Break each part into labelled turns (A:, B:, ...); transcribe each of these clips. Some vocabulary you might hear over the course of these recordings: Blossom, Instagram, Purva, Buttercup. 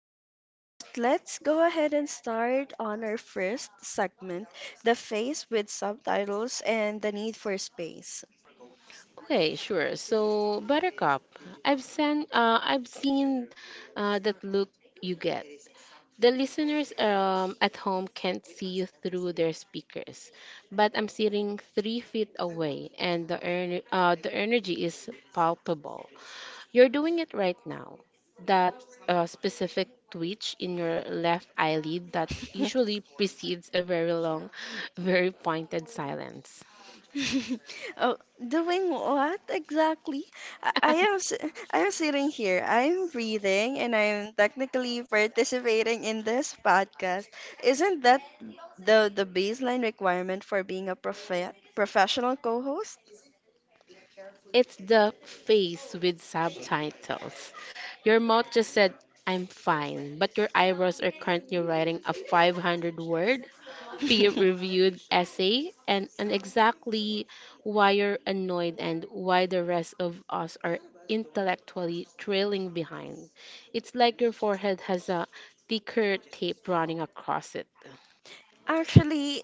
A: later, but let's go ahead and start on our first segment, the face with subtitles and the need for space.
B: Okay, sure. So, Buttercup, I've seen that look you get. The listeners at home can't see you through their speakers, but I'm sitting 3 feet away, and the energy is palpable. You're doing it right now. That specific twitch in your left eyelid that usually precedes a very long, very pointed silence.
A: Oh, doing what exactly? I I am sitting here. I'm reading and I'm technically participating in this podcast. Isn't that the baseline requirement for being a professional co-host?
B: It's the face with subtitles. Your mouth just said, "I'm fine," but your eyebrows are currently writing a 500 word peer reviewed essay and exactly why you're annoyed and why the rest of us are intellectually trailing behind. It's like your forehead has a thicker tape running across it.
A: Actually,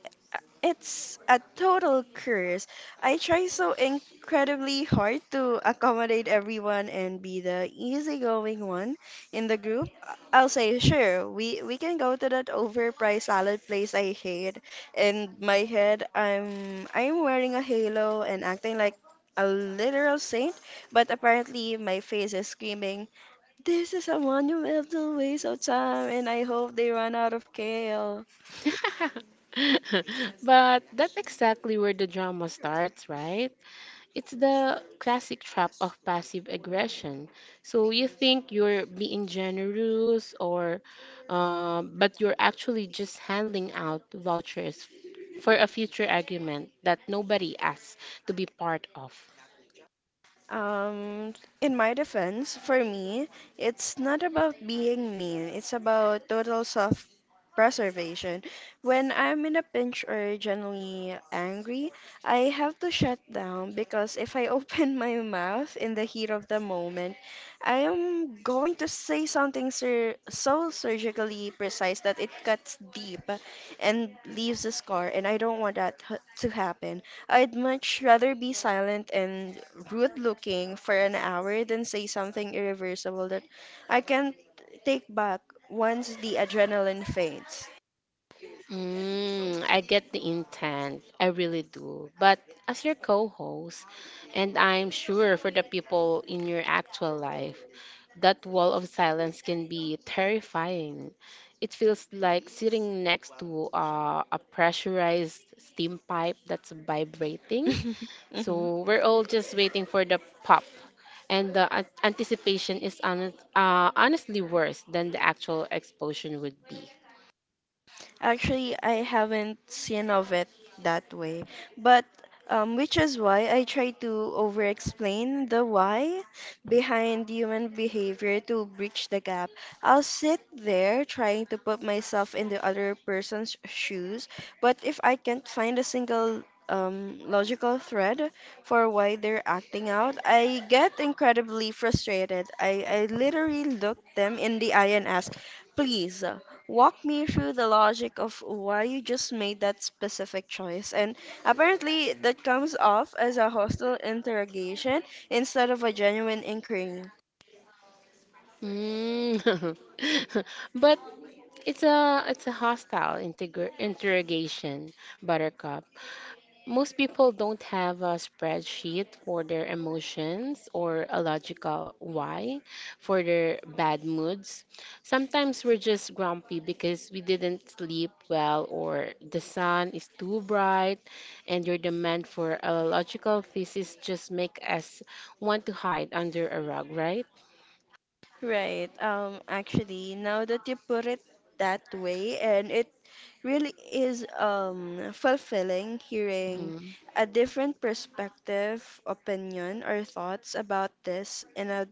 A: it's a total curse. I try so incredibly hard to accommodate everyone and be the easygoing one in the group. I'll say, sure, we can go to that overpriced salad place I hate. In my head, I'm wearing a halo and acting like a literal saint, but apparently my face is screaming, "This is a monumental waste of time, and I hope they run out of kale."
B: But that's exactly where the drama starts, right? It's the classic trap of passive aggression. So you think you're being generous, or but you're actually just handing out vouchers for a future argument that nobody asked to be part of.
A: Um, in my defense, for me, it's not about being mean. It's about total self preservation. When I'm in a pinch or generally angry, I have to shut down because if I open my mouth in the heat of the moment, I am going to say something so surgically precise that it cuts deep and leaves a scar, and I don't want that to happen. I'd much rather be silent and rude looking for an hour than say something irreversible that I can't take back once the adrenaline fades.
B: Mm, I get the intent. I really do. But as your co-host, and I'm sure for the people in your actual life, that wall of silence can be terrifying. It feels like sitting next to a pressurized steam pipe that's vibrating.
A: Mhm.
B: So we're all just waiting for the pop. And the anticipation is honestly worse than the actual explosion would be.
A: Actually, I haven't seen of it that way, but which is why I try to over-explain the why behind human behavior to bridge the gap. I'll sit there trying to put myself in the other person's shoes, but if I can't find a single logical thread for why they're acting out, I get incredibly frustrated. I literally look them in the eye and ask, please walk me through the logic of why you just made that specific choice. And apparently, that comes off as a hostile interrogation instead of a genuine inquiry.
B: Mm. But it's a hostile integer interrogation, Buttercup. Most people don't have a spreadsheet for their emotions or a logical why for their bad moods. Sometimes we're just grumpy because we didn't sleep well or the sun is too bright and your demand for a logical thesis just make us want to hide under a rug, right?
A: Right. Actually, now that you put it that way, and it really is fulfilling hearing a different perspective, opinion, or thoughts about this in a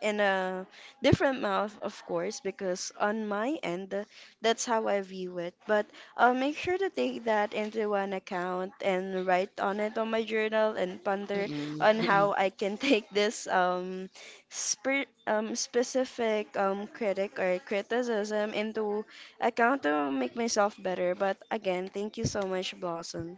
A: in a different mouth, of course, because on my end, that's how I view it. But I'll make sure to take that into an account and write on it on my journal and ponder on
B: Mm-mm.
A: how I can take this specific critic or criticism into account to make myself better. But again, thank you so much, Blossom.